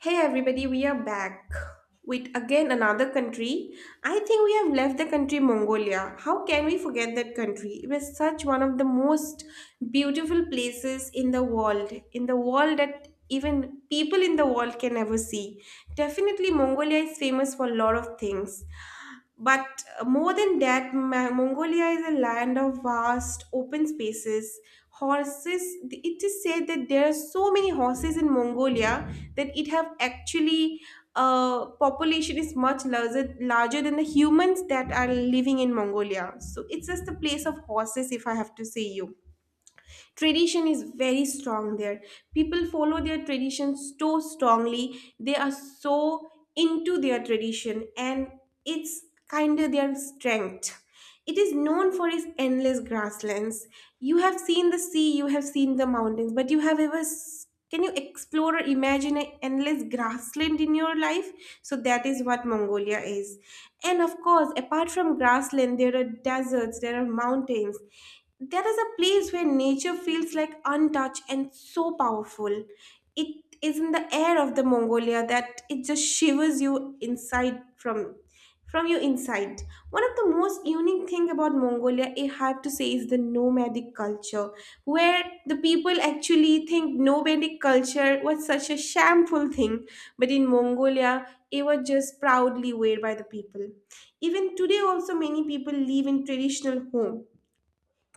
Hey everybody, we are back with again another country. I think we have left the country Mongolia. How can we forget that country? It was such one of the most beautiful places in the world, that even people in the world can never see. Definitely Mongolia is famous for a lot of things. But more than that, Mongolia is a land of vast open spaces. Horses, it is said that there are so many horses in Mongolia that it have actually population is much larger than the humans that are living in Mongolia. So it's just a place of horses, if I have to say you. Tradition is very strong there. People follow their tradition so strongly. They are so into their tradition, and it's kind of their strength. It is known for its endless grasslands. You have seen the sea, you have seen the mountains, but you have ever can you explore or imagine an endless grassland in your life? So that is what Mongolia is, and of course apart from grassland there are deserts, there are mountains, there is a place where nature feels like untouched and so powerful. It is in the air of the Mongolia that it just shivers you inside from your insight. One of the most unique thing about Mongolia, I have to say, is the nomadic culture, where the people actually think nomadic culture was such a shameful thing, but in Mongolia, it was just proudly wear by the people. Even today, also many people live in traditional home,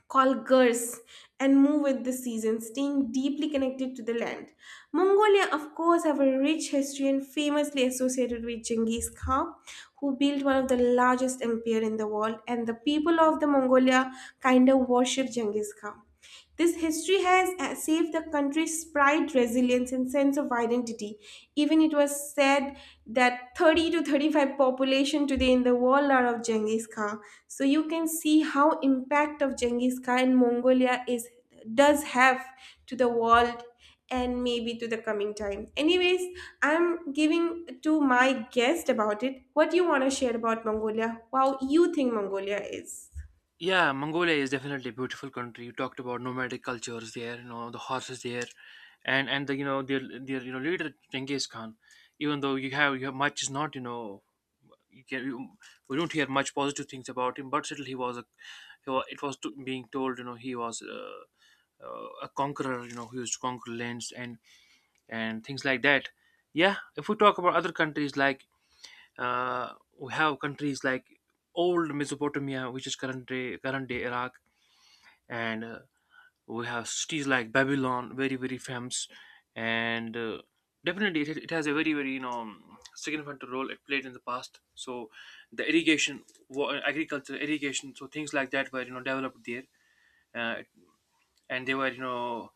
called gurs, and move with the season, staying deeply connected to the land. Mongolia, of course, have a rich history and famously associated with Genghis Khan, who built one of the largest empire in the world, and the people of the Mongolia kind of worship Genghis Khan. This history has saved the country's pride, resilience, and sense of identity. Even it was said that 30 to 35 population today in the world are of Genghis Khan. So you can see how impact of Genghis Khan in Mongolia is, does have, to the world and maybe to the coming time. Anyways, I'm giving to my guest about it. What do you want to share about Mongolia? How you think Mongolia is? Yeah, Mongolia is definitely a beautiful country. You talked about nomadic cultures there, you know, the horses there, and the you know their you know leader Genghis Khan. Even though you have much is not you know you can you, we don't hear much positive things about him, but still he was a he was, it was to, being told you know he was a conqueror. You know he used to conquer lands and things like that. Yeah, if we talk about other countries like uh, we have countries like old Mesopotamia, which is current day Iraq and we have cities like Babylon, very very famous, and definitely it has a very very you know significant role it played in the past. So the irrigation, agriculture, irrigation, so things like that were you know developed there. uh, and they were you know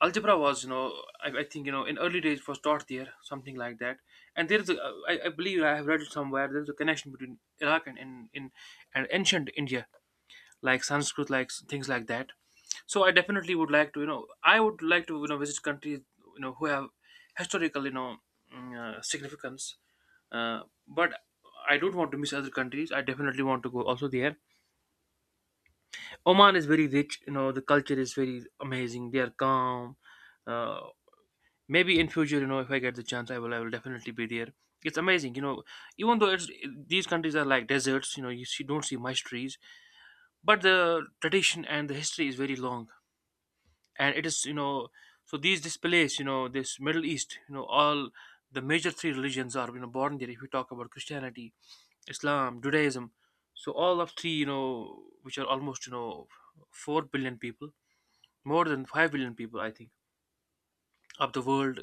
algebra was you know I think you know in early days it was taught there, something like that. And there is a, I believe I have read it somewhere, there's a connection between Iraq and in and ancient India, like Sanskrit, like things like that. So I definitely would like to, you know, I would like to, you know, visit countries, you know, who have historical, you know, significance. Uh, but I don't want to miss other countries. I definitely want to go also there. Oman is very rich. You know, the culture is very amazing. They are calm. Uh, Maybe in future, you know, if I get the chance, I will. I will definitely be there. It's amazing. You know, even though it's these countries are like deserts. You know, you see, don't see much trees, but the tradition and the history is very long, and it is you know. So these displays, you know, this Middle East, you know, all the major three religions are you know born there. If we talk about Christianity, Islam, Judaism, so all of three, you know, which are almost, you know, 4 billion people, more than 5 billion people I think, of the world,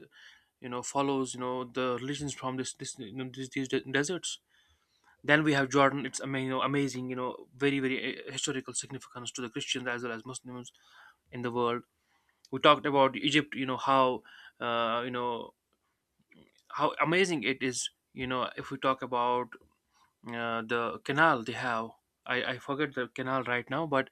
you know, follows you know the religions from this you know, these deserts. Then we have Jordan, it's amazing, you know, amazing, you know, very very historical significance to the Christians as well as Muslims in the world. We talked about Egypt, you know, how you know, how amazing it is, you know. If we talk about the canal they have, I forget the canal right now, but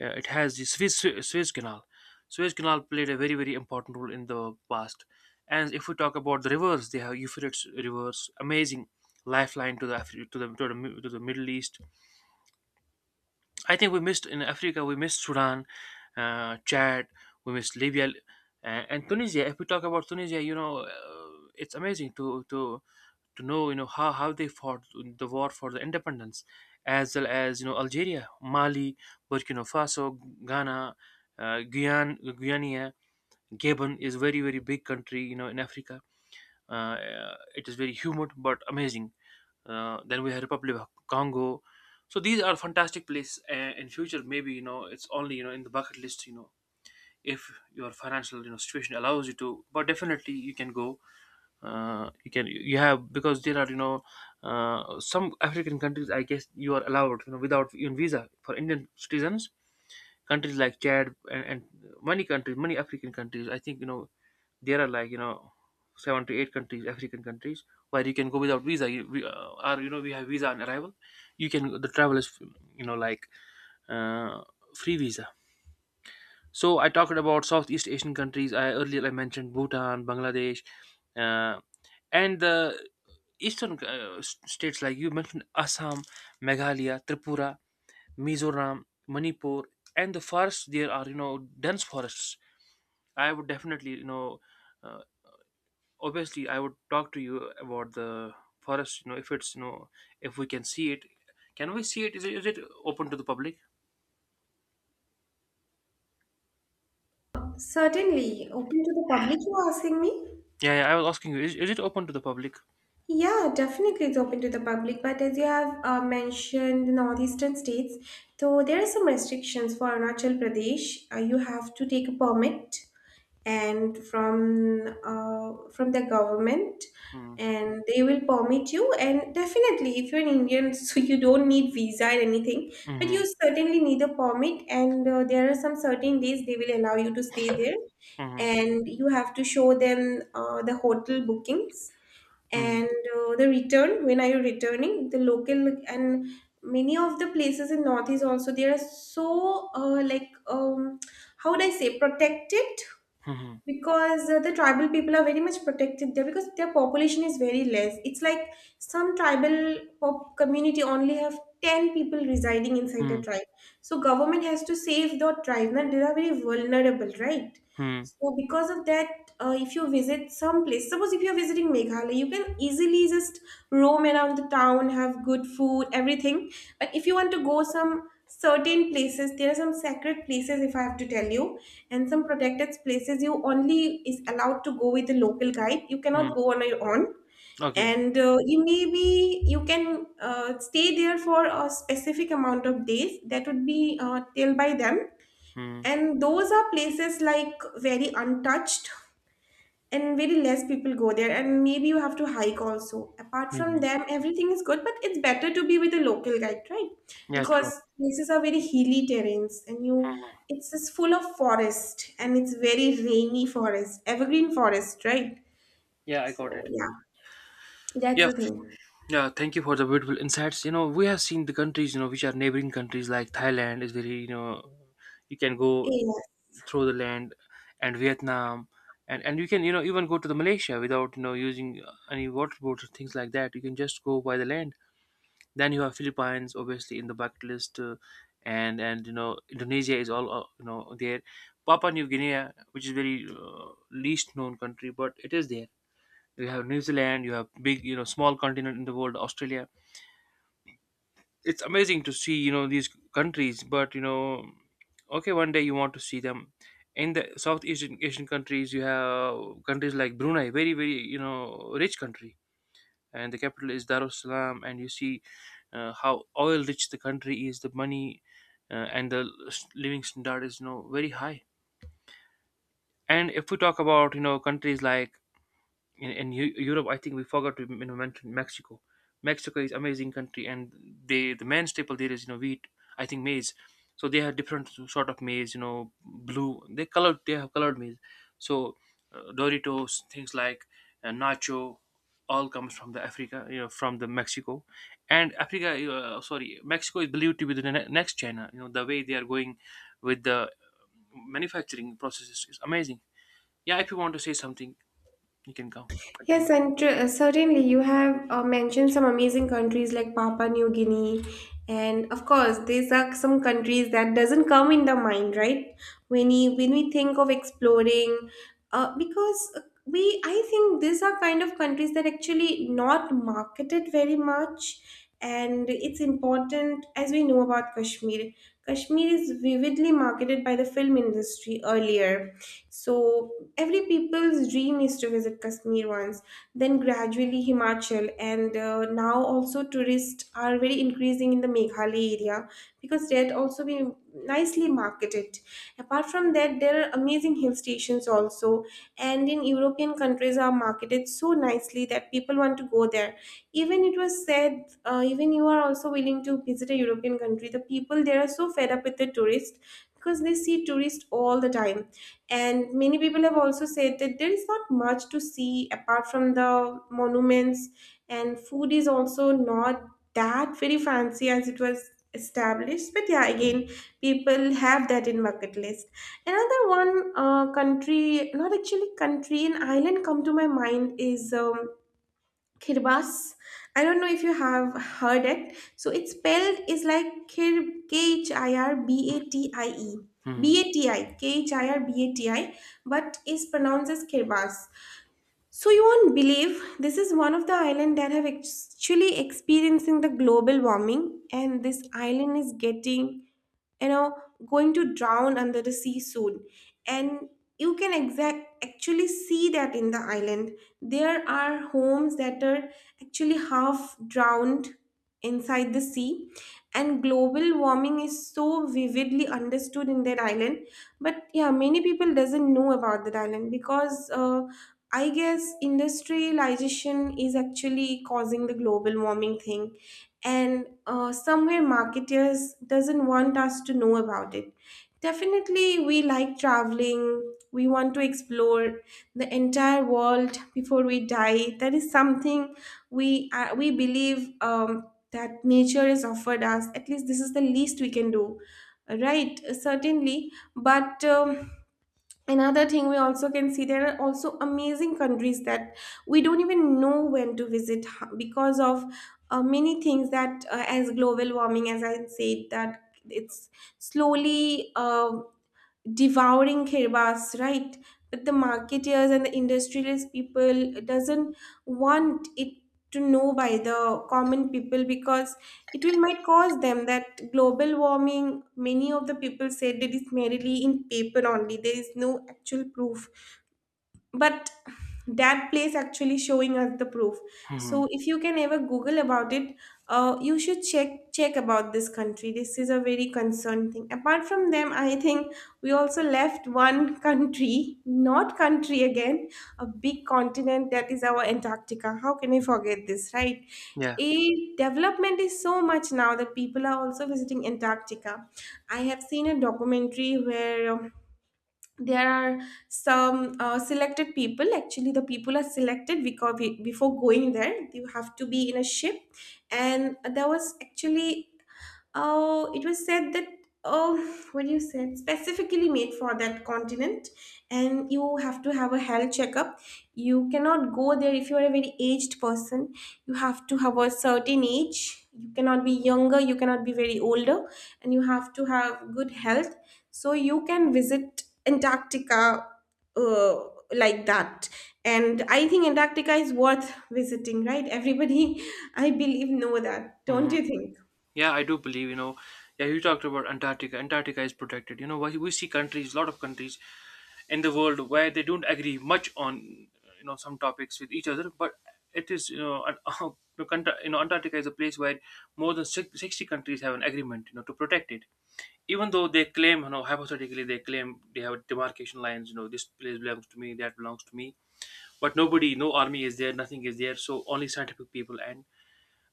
it has the Swiss, Swiss Suez Canal. Suez Canal played a very very important role in the past. And if we talk about the rivers, they have Euphrates rivers, amazing, lifeline to the to the Middle East. I think we missed in Africa, we missed Sudan, Chad, we missed Libya, and Tunisia. If we talk about Tunisia, you know, it's amazing to know you know how they fought the war for the independence, as well as you know Algeria, Mali, Burkina Faso, Ghana, Guyana, Gabon is very very big country you know in Africa. Uh, it is very humid but amazing. Then we have Republic of Congo. So these are fantastic places. In future, maybe you know it's only you know in the bucket list. You know, if your financial you know situation allows you to, but definitely you can go. You have because there are you know some African countries. I guess you are allowed you know without even visa for Indian citizens, countries like Chad and many countries, many African countries. I think you know there are like you know seven to eight countries, African countries, where you can go without visa. Or you know we have visa on arrival. You can, the travel is you know like uh, free visa. So I talked about Southeast Asian countries. I Earlier I mentioned Bhutan, Bangladesh, uh, and the eastern states like you mentioned Assam, Meghalaya, Tripura, Mizoram, Manipur, and the forests there are you know dense forests. I would definitely you know uh, obviously I would talk to you about the forest. You know if it's you know, if we can see it, can we see it? Is it, is it open to the public? Certainly, open to the public. You are asking me. Yeah, yeah. I was asking you, is it open to the public? Yeah, definitely it's open to the public. But as you have mentioned, the northeastern states, so there are some restrictions for Arunachal Pradesh. You have to take a permit and from the government, Hmm. and they will permit you. And definitely, if you're an Indian, so you don't need visa or anything, but Hmm. you certainly need a permit. And there are some certain days they will allow you to stay there, Hmm. and you have to show them the hotel bookings Hmm. and the return, when are you returning, the local. And many of the places in northeast also, they are so like how would I say, protected, Hmm. because the tribal people are very much protected there because their population is very less. It's like some tribal pop community only have 10 people residing inside a Hmm. tribe, so government has to save the tribe. Now they are very vulnerable, right? Hmm. So because of that, if you visit some place, suppose if you're visiting Meghalaya, you can easily just roam around the town, have good food, everything. But if you want to go some certain places, there are some sacred places, if I have to tell you, and some protected places, you only is allowed to go with a local guide, you cannot Hmm. go on your own. Okay. And you maybe you can stay there for a specific amount of days that would be till by them, Hmm. and those are places like very untouched and very less people go there, and maybe you have to hike also. Apart Hmm. from Hmm. them everything is good, but it's better to be with a local guide, right? Yeah. True. Because places are very hilly terrains, and you, Hmm. it's just full of forest and it's very rainy forest, evergreen forest, right? Yeah, I got So it. yeah, that's Yeah, the thing. Yeah, thank you for the beautiful insights. You know, we have seen the countries, you know, which are neighboring countries like Thailand is very, you know, you can go Yeah. through the land, and Vietnam, and you can, you know, even go to the Malaysia without, you know, using any water boats or things like that. You can just go by the land. Then you have Philippines, obviously, in the bucket list. And, you know, Indonesia is all, you know, there. Papua New Guinea, which is very least known country, but it is there. You have New Zealand, you have big, you know, small continent in the world, Australia. It's amazing to see you know these countries, but you know, okay, one day you want to see them. In the southeast asian Asian countries you have countries like Brunei, very very you know rich country, and the capital is Darussalam. And you see how oil rich the country is, the money and the living standard is you know very high. And if we talk about you know countries like in Europe, I think we forgot to you know, mention Mexico. Mexico is amazing country, and the main staple there is you know wheat. I think maize. So they have different sort of maize. You know, blue. They colored. They have colored maize. So Doritos, things like nacho, all comes from the Africa. You know, from the Mexico and Africa. Sorry, Mexico is believed to be the next China. You know, the way they are going with the manufacturing processes is amazing. Yeah, if you want to say something, you can come. Yes, Continue. and certainly you have mentioned some amazing countries like Papua New Guinea, and of course these are some countries that doesn't come in the mind, right? When we think of exploring, because we, I think these are kind of countries that actually not marketed very much, and it's important as we know about Kashmir. Kashmir is vividly marketed by the film industry earlier, so every people's dream is to visit Kashmir once, then gradually Himachal, and now also tourists are very increasing in the Meghalaya area because that also be nicely marketed. Apart from that, there are amazing hill stations also, and in European countries are marketed so nicely that people want to go there. Even it was said, even you are also willing to visit a European country. The people there are so fed up with the tourists because they see tourists all the time, and many people have also said that there is not much to see apart from the monuments, and food is also not that very fancy as it was established. But yeah, again, people have that in bucket list. Another one, country, not actually country, an island come to my mind is Kirbas. I don't know if you have heard it. So it's spelled is like Kir K H I R B A T I E. Mhm, B A T I K H I R B A T I, but is pronounced as Kirbas. So you won't believe this is one of the island that have actually experiencing the global warming, and this island is getting, you know, going to drown under the sea soon. And you can exact actually see that in the island there are homes that are actually half drowned inside the sea, and global warming is so vividly understood in that island. But yeah, many people doesn't know about that island because I guess industrialization is actually causing the global warming thing, and somewhere marketers doesn't want us to know about it. Definitely we like traveling, we want to explore the entire world before we die. That is something we believe, that nature has offered us, at least this is the least we can do, right? Certainly. But another thing we also can see, there are also amazing countries that we don't even know when to visit because of many things that, as global warming, as I said, that it's slowly devouring Kirbas, right? But the marketeers and the industrialist people doesn't want it to know by the common people, because it will might cause them that global warming, many of the people said that is merely in paper only, there is no actual proof. But that place actually showing us the proof. So mhm. if you can ever google about it, you should check about this country. This is a very concerned thing. Apart from them, I think we also left one country, not country again, a big continent, that is our Antarctica. How can we forget this, right? Yeah. A development is so much now that people are also visiting Antarctica. I have seen a documentary where there are some selected people, actually the people are selected because before going there you have to be in a ship, and there was actually it was said that, oh, what do you said, specifically made for that continent. And you have to have a health checkup, you cannot go there if you are a very aged person, you have to have a certain age, you cannot be younger, you cannot be very older, and you have to have good health, so you can visit Antarctica, uh, like that. And I think Antarctica is worth visiting, right everybody? I believe know that, don't Mhm. you think? Yeah, I do believe, you know, yeah, you talked about Antarctica. Antarctica is protected. You know, why we see countries, a lot of countries in the world where they don't agree much on, you know, some topics with each other, but it is, you know, an, you know, you know, Antarctica is a place where more than 60 countries have an agreement, you know, to protect it. Even though they claim, you know, hypothetically, they claim they have demarcation lines, you know, this place belongs to me, that belongs to me, but nobody, no army is there, nothing is there, so only scientific people and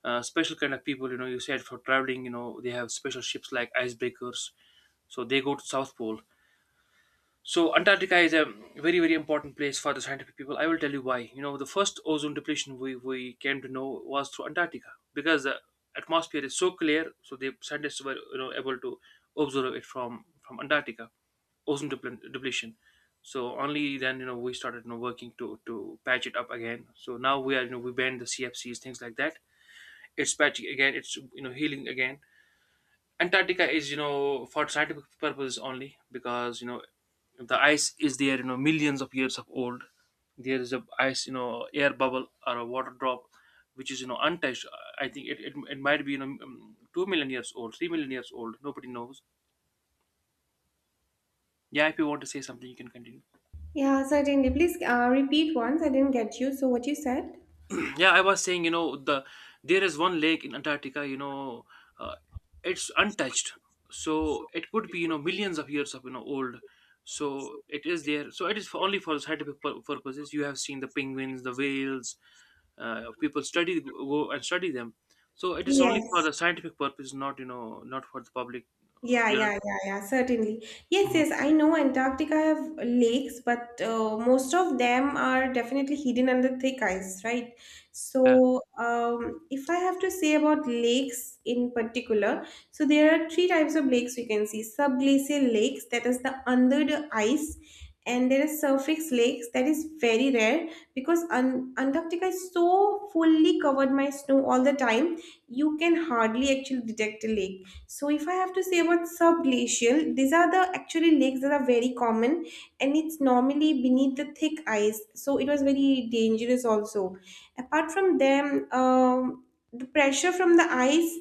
special kind of people. You know, you said for traveling you know they have special ships like icebreakers, so they go to south pole. So Antarctica is a very very important place for the scientific people. I will tell you why. You know, the first ozone depletion we came to know was through Antarctica, because the atmosphere is so clear, so the scientists were you know able to observe it from Antarctica, ozone depletion. So only then you know we started you know working to patch it up again. So now we are you know we banned the CFCs, things like that. It's patchy again, it's you know healing again. Antarctica is you know for scientific purposes only because you know the ice is there, you know millions of years of old. There is a ice, you know air bubble or a water drop, which is you know untouched. I think it might be you know 2 million years old, 3 million years old, nobody knows. Yeah, if you want to say something, you can continue. Yeah, certainly. Please repeat once. I didn't get you. So, what you said? Yeah, I was saying you know, the there is one lake in Antarctica, you know, uh, it's untouched, so it could be you know millions of years of you know old. So it is there, so it is for only for scientific purposes. You have seen the penguins, the whales, people study, go and study them. So it is only for Yes. the scientific purpose, not you know not for the public. Yeah, You know. yeah, yeah, yeah, certainly. Yes, Mhm. yes, I know Antarctica have lakes, but most of them are definitely hidden under thick ice, right? So, if I have to say about lakes in particular, so there are three types of lakes we can see. Subglacial lakes, that is the under the ice, and there is surface lakes, that is very rare because An Antarctica is so fully covered by snow all the time, you can hardly actually detect a lake. So if I have to say about subglacial, these are the actually lakes that are very common, and it's normally beneath the thick ice. So it was very dangerous also. Apart from them, the pressure from the ice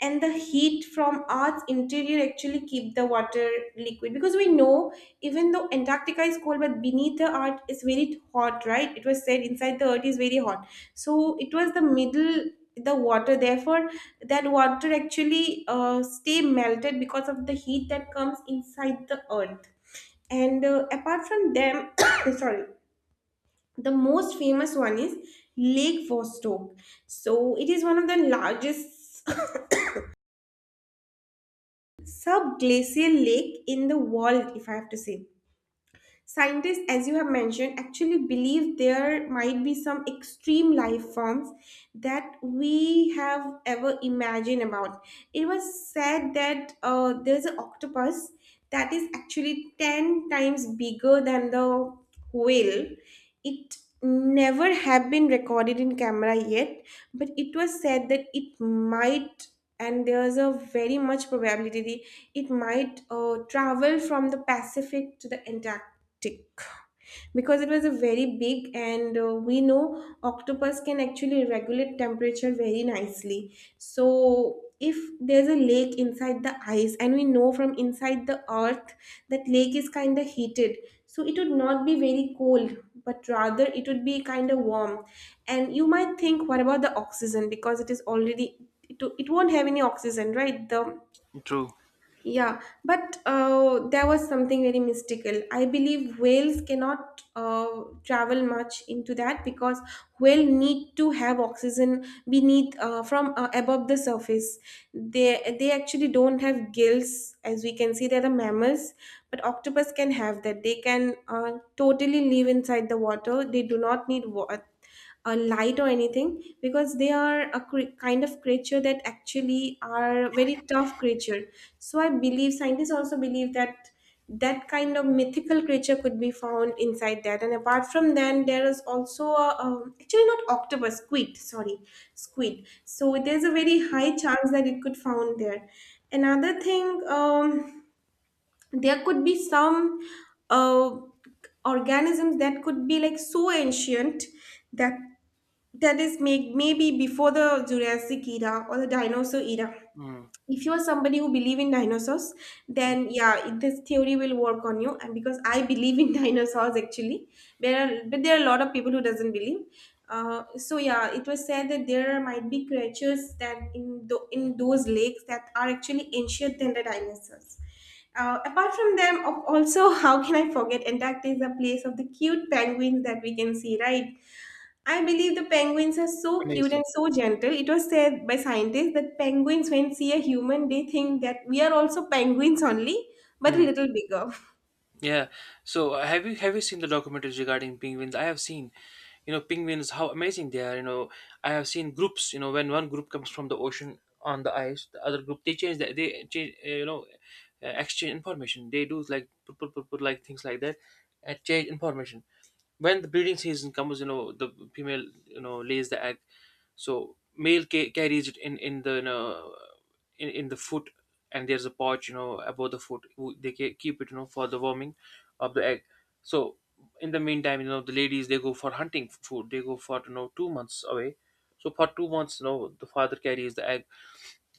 and the heat from Earth's interior actually keep the water liquid because we know even though Antarctica is cold, but beneath the Earth is very hot, right? It was said inside the Earth is very hot. So it was the middle the water therefore then water actually stay melted because of the heat that comes inside the earth and apart from them sorry the most famous one is lake vostok, so it is one of the largest subglacial lake in the world, if I have to say. Scientists, as you have mentioned, actually believe there might be some extreme life forms that we have ever imagined about. It was said that there's an octopus that is actually 10 times bigger than the whale. It never have been recorded in camera yet, but it was said that it might, and there's a very much probability it might travel from the Pacific to the tick, because it was a very big and we know octopus can actually regulate temperature very nicely. So if there's a lake inside the ice, and we know from inside the earth that lake is kind of heated, so it would not be very cold, but rather it would be kind of warm. And you might think what about the oxygen, because it is already it won't have any oxygen, right, the True. yeah, but there was something very mystical. I believe whales cannot travel much into that, because whale need to have oxygen beneath from above the surface. They actually don't have gills, as we can see. They're the mammals, but octopus can have that. They can totally live inside the water. They do not need a light or anything because they are a kind of creature that actually are very tough creature. So I believe scientists also believe that that kind of mythical creature could be found inside that. And apart from that there is also a, actually not octopus, squid, sorry, squid. So there's a very high chance that it could found there. Another thing, there could be some uh, organisms that could be like so ancient that maybe before the Jurassic era or the dinosaur era. Mhm. If you are somebody who believe in dinosaurs, Mhm. then yeah, this theory will work on you. And because I believe in dinosaurs, actually, there are a lot of people who doesn't believe. So yeah, it was said that there might be creatures that in those lakes that are actually ancient than the dinosaurs. Apart from them, also, how can I forget? Antarctica is a place of the cute penguins that we can see, right? I believe the penguins are so cute Amazing. and so gentle. It was said by scientists that penguins, when see a human, they think that we are also penguins only, but a Mhm. little bigger. Yeah, so have you seen the documentaries regarding penguins? I have seen, penguins, how amazing they are. I have seen groups, when one group comes from the ocean on the ice, the other group, they change, that they change, exchange information. They do like put, put, put, put, like things like that and change information. When the breeding season comes, the female lays the egg, so male carries it in in the foot. And there's a pouch, above the foot, they keep it, for the warming of the egg. So in the meantime, the ladies, they go for hunting food. They go for, 2 months away. So for 2 months, the father carries the egg.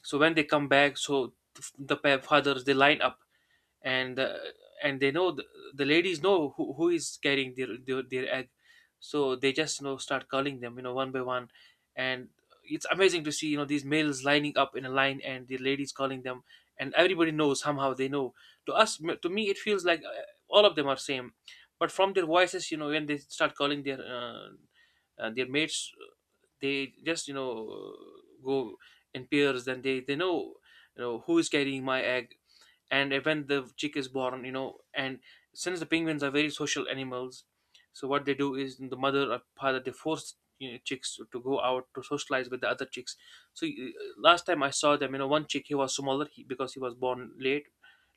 So when they come back, so fathers, they line up, and uh, and they know the ladies know who is carrying their egg. So they just, start calling them, one by one. And it's amazing to see, these males lining up in a line and the ladies calling them, and everybody knows. Somehow they know. To us, to me, it feels like, all of them are same, but from their voices, when they start calling their mates, they just, go in pairs. Then they know, who is carrying my egg. And when the chick is born, you know and since the penguins are very social animals, so what they do is the mother or father, they force, chicks to go out to socialize with the other chicks. So last time I saw them, one chick, he was smaller, because he was born late,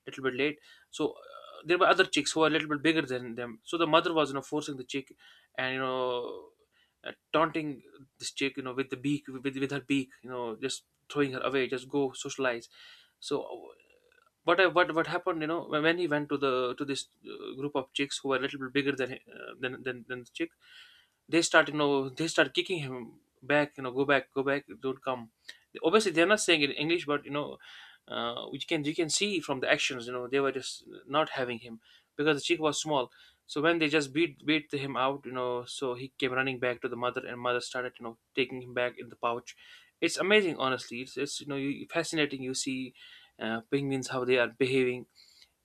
little bit late. So there were other chicks who were a little bit bigger than them, so the mother was, forcing the chick, and taunting this chick, with the beak, with her beak, just throwing her away, just go socialize. So but what happened? You know, when he went to the to this group of chicks who were a little bit bigger than than the chick, they start, they start kicking him back, go back, go back, don't come. Obviously, they're not saying it in English, but which can, you can see from the actions, they were just not having him because the chick was small. So when they just beat him out, so he came running back to the mother, and mother started, taking him back in the pouch. It's amazing, honestly. It's it's, fascinating, you see, penguins, how they are behaving.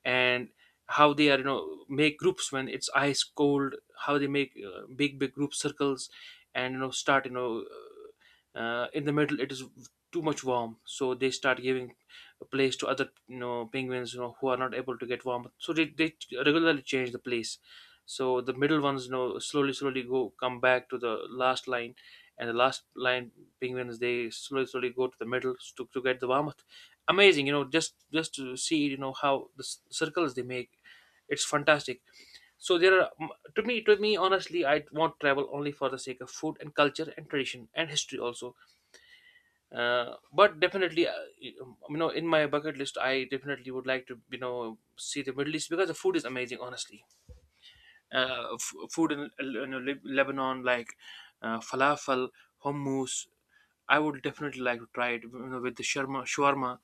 And how they are, make groups. When it's ice cold, how they make, big big group circles, and, start, in the middle it is too much warm, so they start giving a place to other, penguins, who are not able to get warm. So they regularly change the place. So the middle ones, slowly slowly go, come back to the last line, and the last line penguins, they slowly slowly go to the middle to get the warmth. Amazing, just to see, how the circles they make. It's fantastic. So there are to me, to me, honestly, I won't travel only for the sake of food and culture and tradition and history also. But definitely, you know in my bucket list, I definitely would like to, see the Middle East because the food is amazing, honestly. Food in, you know, Lebanon, like falafel, hummus. I would definitely like to try it, you know, with the shawarma. Shawarma.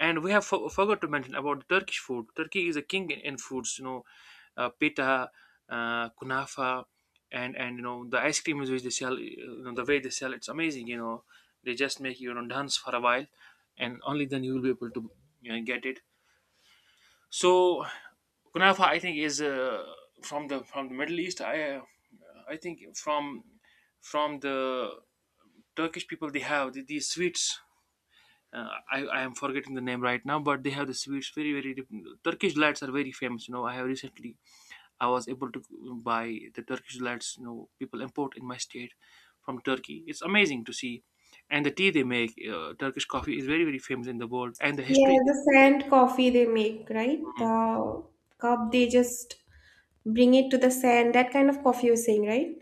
And we have forgot to mention about Turkish food. Turkey is a king in foods, you know, pita, kunafa, and you know the ice cream is which they sell. You know, the way they sell, it's amazing. You know, they just make you, you know dance for a while, and only then you will be able to, you know, get it. So kunafa, I think, is from the Middle East. I think from the Turkish people, they have these sweets. I am forgetting the name right now, but they have the sweets very very different. Turkish delights are very famous. You know, I have recently, I was able to buy the Turkish delights. You know, people import in my state from Turkey. It's amazing to see, and the tea they make, Turkish coffee is very very famous in the world, and the Yeah, history. the sand coffee they make, right? The cup they just bring it to the sand. That kind of coffee you're saying, right?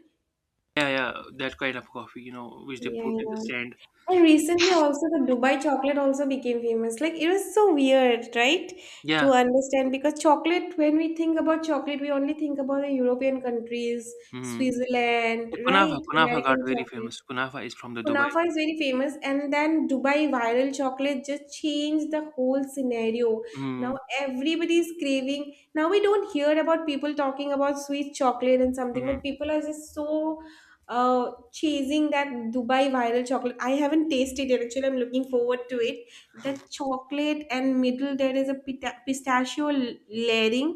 Yeah, yeah, that kind of coffee, you know, which they Yeah, put in the yeah. stand. And recently also the Dubai chocolate also became famous. Like it was so weird, right? To Yeah. understand because chocolate, when we think about chocolate, we only think about the European countries, Mm-hmm. Switzerland, right? Kunafa, Kunafa got American very chocolate. famous. Kunafa is from the Dubai. Kunafa is very famous, and then Dubai viral chocolate just changed the whole scenario. Now Mm-hmm. everybody is craving. Now we don't hear about people talking about sweet chocolate and something, Hmm. but people are just so uh, chasing that Dubai viral chocolate. I haven't tasted it actually. I'm looking forward to it. The chocolate and middle there is a pistachio layering.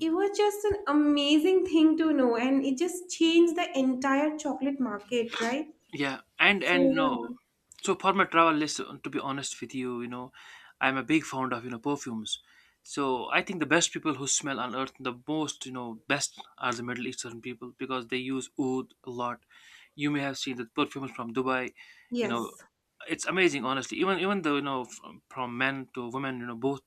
It was just an amazing thing to know, and it just changed the entire chocolate market, right? Yeah, and So and no, yeah, so for my travel list, to be honest with you, you know, I'm a big fond of, you know, perfumes. So I think the best people who smell on earth, the most, you know, best are the Middle Eastern people because they use oud a lot. You may have seen the perfumes from Dubai, you know, yes, it's amazing, honestly. Even though, you know, from men to women, you know, both,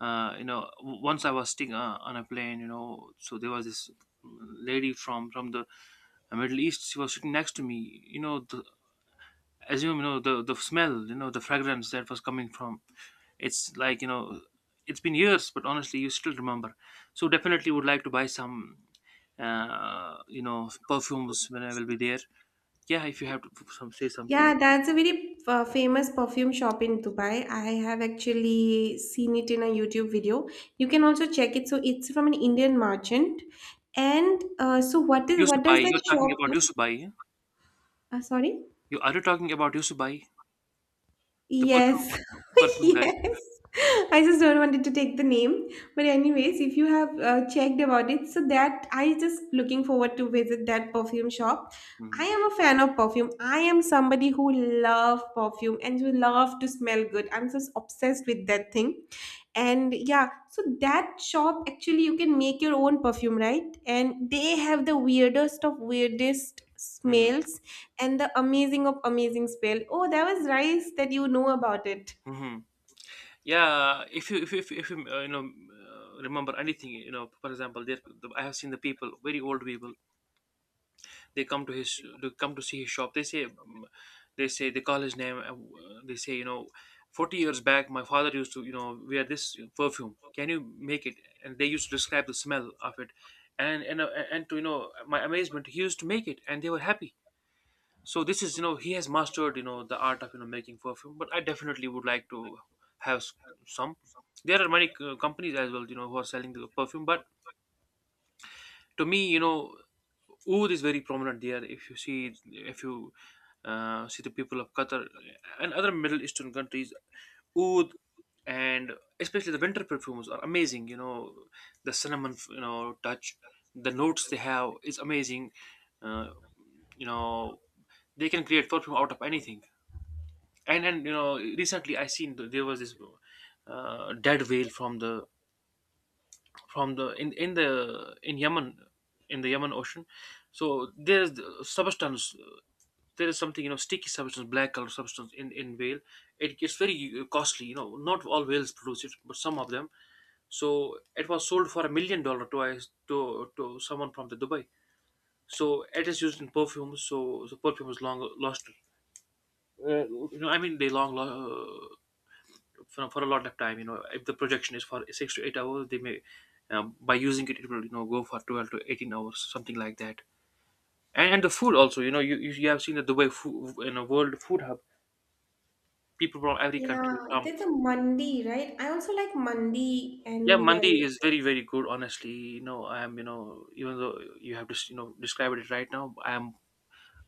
once I was sitting, on a plane, you know. So there was this lady from the Middle East, she was sitting next to me. You know, as you know, the smell, you know, the fragrance that was coming from, it's like, you know, it's been years, but honestly you still remember. So definitely would like to buy some, perfumes when I will be there. Yeah, if you have to say something. yeah, that's a very famous perfume shop in Dubai. I have actually seen it in a YouTube video. You can also check it. So it's from an Indian merchant, and so what is what does Yousufzai, you're that shop talking about do? Yousufzai, yeah? Sorry. You are, you talking about Yousufzai, the Yes, perfume guy? yes. I just don't wanted to take the name, but anyways, if you have checked about it, so that I just looking forward to visit that perfume shop. I Mhm. am a fan of perfume. I am somebody who love perfume and who love to smell good. I'm just obsessed with that thing. And yeah, so that shop actually you can make your own perfume, right? And they have the weirdest of weirdest Mhm. smells and the amazing of amazing spell. Oh, that was rice that you know about it. Mhm. Yeah, if you if you, if you, if you, you know remember anything, you know, for example, I have seen the people, very old people, they come to his, they come to see his shop. They say, mm, they say, they call his name. They say, you know, 40 years back, my father used to, you know, wear this perfume. Can you make it? And they used to describe the smell of it. And, and to, you know, my amazement, he used to make it and they were happy. So this is, you know, he has mastered, you know, the art of, you know, making perfume. But I definitely would like to have some. There are many companies as well, you know, who are selling the perfume, but to me, you know, oud is very prominent there. If you see, if you see the people of Qatar and other Middle Eastern countries, oud, and especially the winter perfumes are amazing, you know, the cinnamon, you know, touch, the notes they have is amazing. uh, you know they can create perfume out of anything. And you know, recently I seen there was this dead whale from the in the in Yemen, in the Yemen Ocean. So there's the substance, there is something, you know, sticky substance, black color substance in whale. It gets very costly, you know, not all whales produce it, but some of them. So it was sold for $1 million to us, to someone from the Dubai. So it is used in perfumes. So the perfume is long lost, you know, I mean they long for a lot of time, you know. If the projection is for 6 to 8 hours, they may, by using it, it will, you know, go for 12 to 18 hours, something like that. And and the food also, you know, you have seen that the way food in a world food hub, people from every Yeah, country come. there's a mandi, right? I also like mandi Yeah, and mandi biryani. is very very good, honestly. You know, I am, you know, even though you have just, you know, described it right now, I am,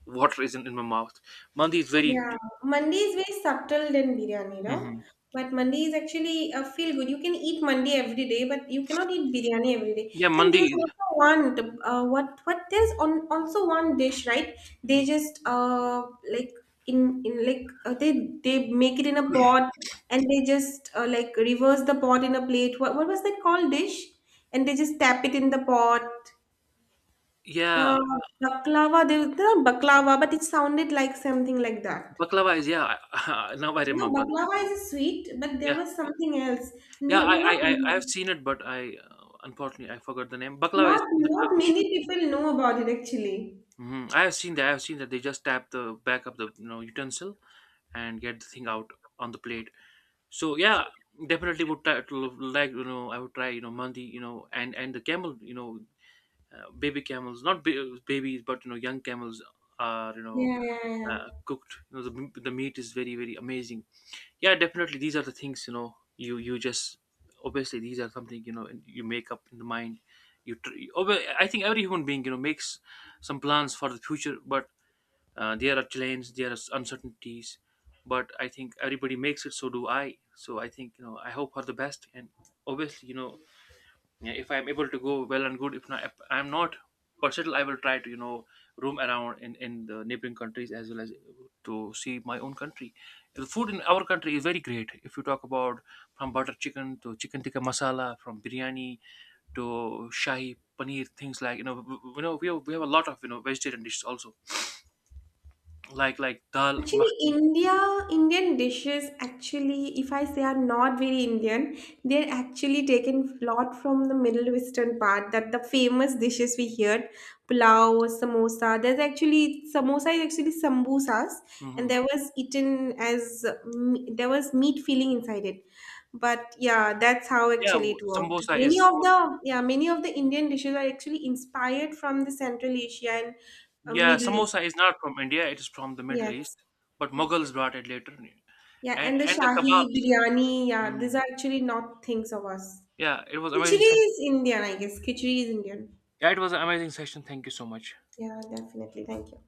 water isn't in my mouth. Mandi is very. Yeah, mandi is very subtle than biryani, no? Mhm. But mandi is actually a feel good. You can eat mandi every day, but you cannot eat biryani every day. Yeah, And mandi. there's also one what there's on also one dish, right? They just like in like they make it in a pot and they just like reverse the pot in a plate. What was that called dish? And they just tap it in the pot. Yeah, Uh, baklava. They not baklava, but it sounded like something like that. baklava is, yeah, now I No, remember. baklava is a sweet, but there Yeah. was something else. Yeah, I Not, have seen it, but I, unfortunately I forgot the name. Baklava is not, from the not Turkish. many people know about it actually. Hmm. I have seen that. I have seen that they just tap the back of the, you know, utensil and get the thing out on the plate. So yeah, definitely would try to like, you know, I would try, you know, mandi, you know, and the camel, you know, baby camels, not babies, but, you know, young camels are, you know, Yeah, yeah, yeah. Cooked. You know the the meat is very very amazing. Yeah, definitely these are the things, you know, you just, obviously these are something, you know, and you make up in the mind. You tr- you- obvi- I think every human being, you know, makes some plans for the future. But there are challenges, there are uncertainties, but I think everybody makes it. So do I. So I think, you know, I hope for the best. And obviously, you know, yeah, if I'm able to go, well and good. If not, if I'm not, but still I will try to, you know, roam around in the neighboring countries as well as to see my own country. The food in our country is very great. If you talk about from butter chicken to chicken tikka masala, from biryani to shahi paneer, things like, you know, you know, we have a lot of, you know, vegetarian dishes also, like dal Actually, makhni. India, Indian dishes actually, if I say are not very Indian, they're actually taken a lot from the Middle Western part. That the famous dishes we heard, pulao, samosa. There's actually samosa is actually sambusas, and Hmm. there was eaten as there was meat filling inside it. But yeah, that's how Yeah, actually it worked. samosa Many is of samosa. the yeah, many of the Indian dishes are actually inspired from the Central Asia and Yeah, Middle East. samosa is not from India; it is from the Middle East, Yes, but yes, yes. Mughals brought it later, Yeah, and the and the Shahi kebabs. biryani, yeah, these Mhm. are actually not things of us. Yeah, it was Khichdi amazing session. is Indian, I guess. Khichdi is Indian. Yeah, it was an amazing session. Thank you so much. Yeah, definitely. Thank you.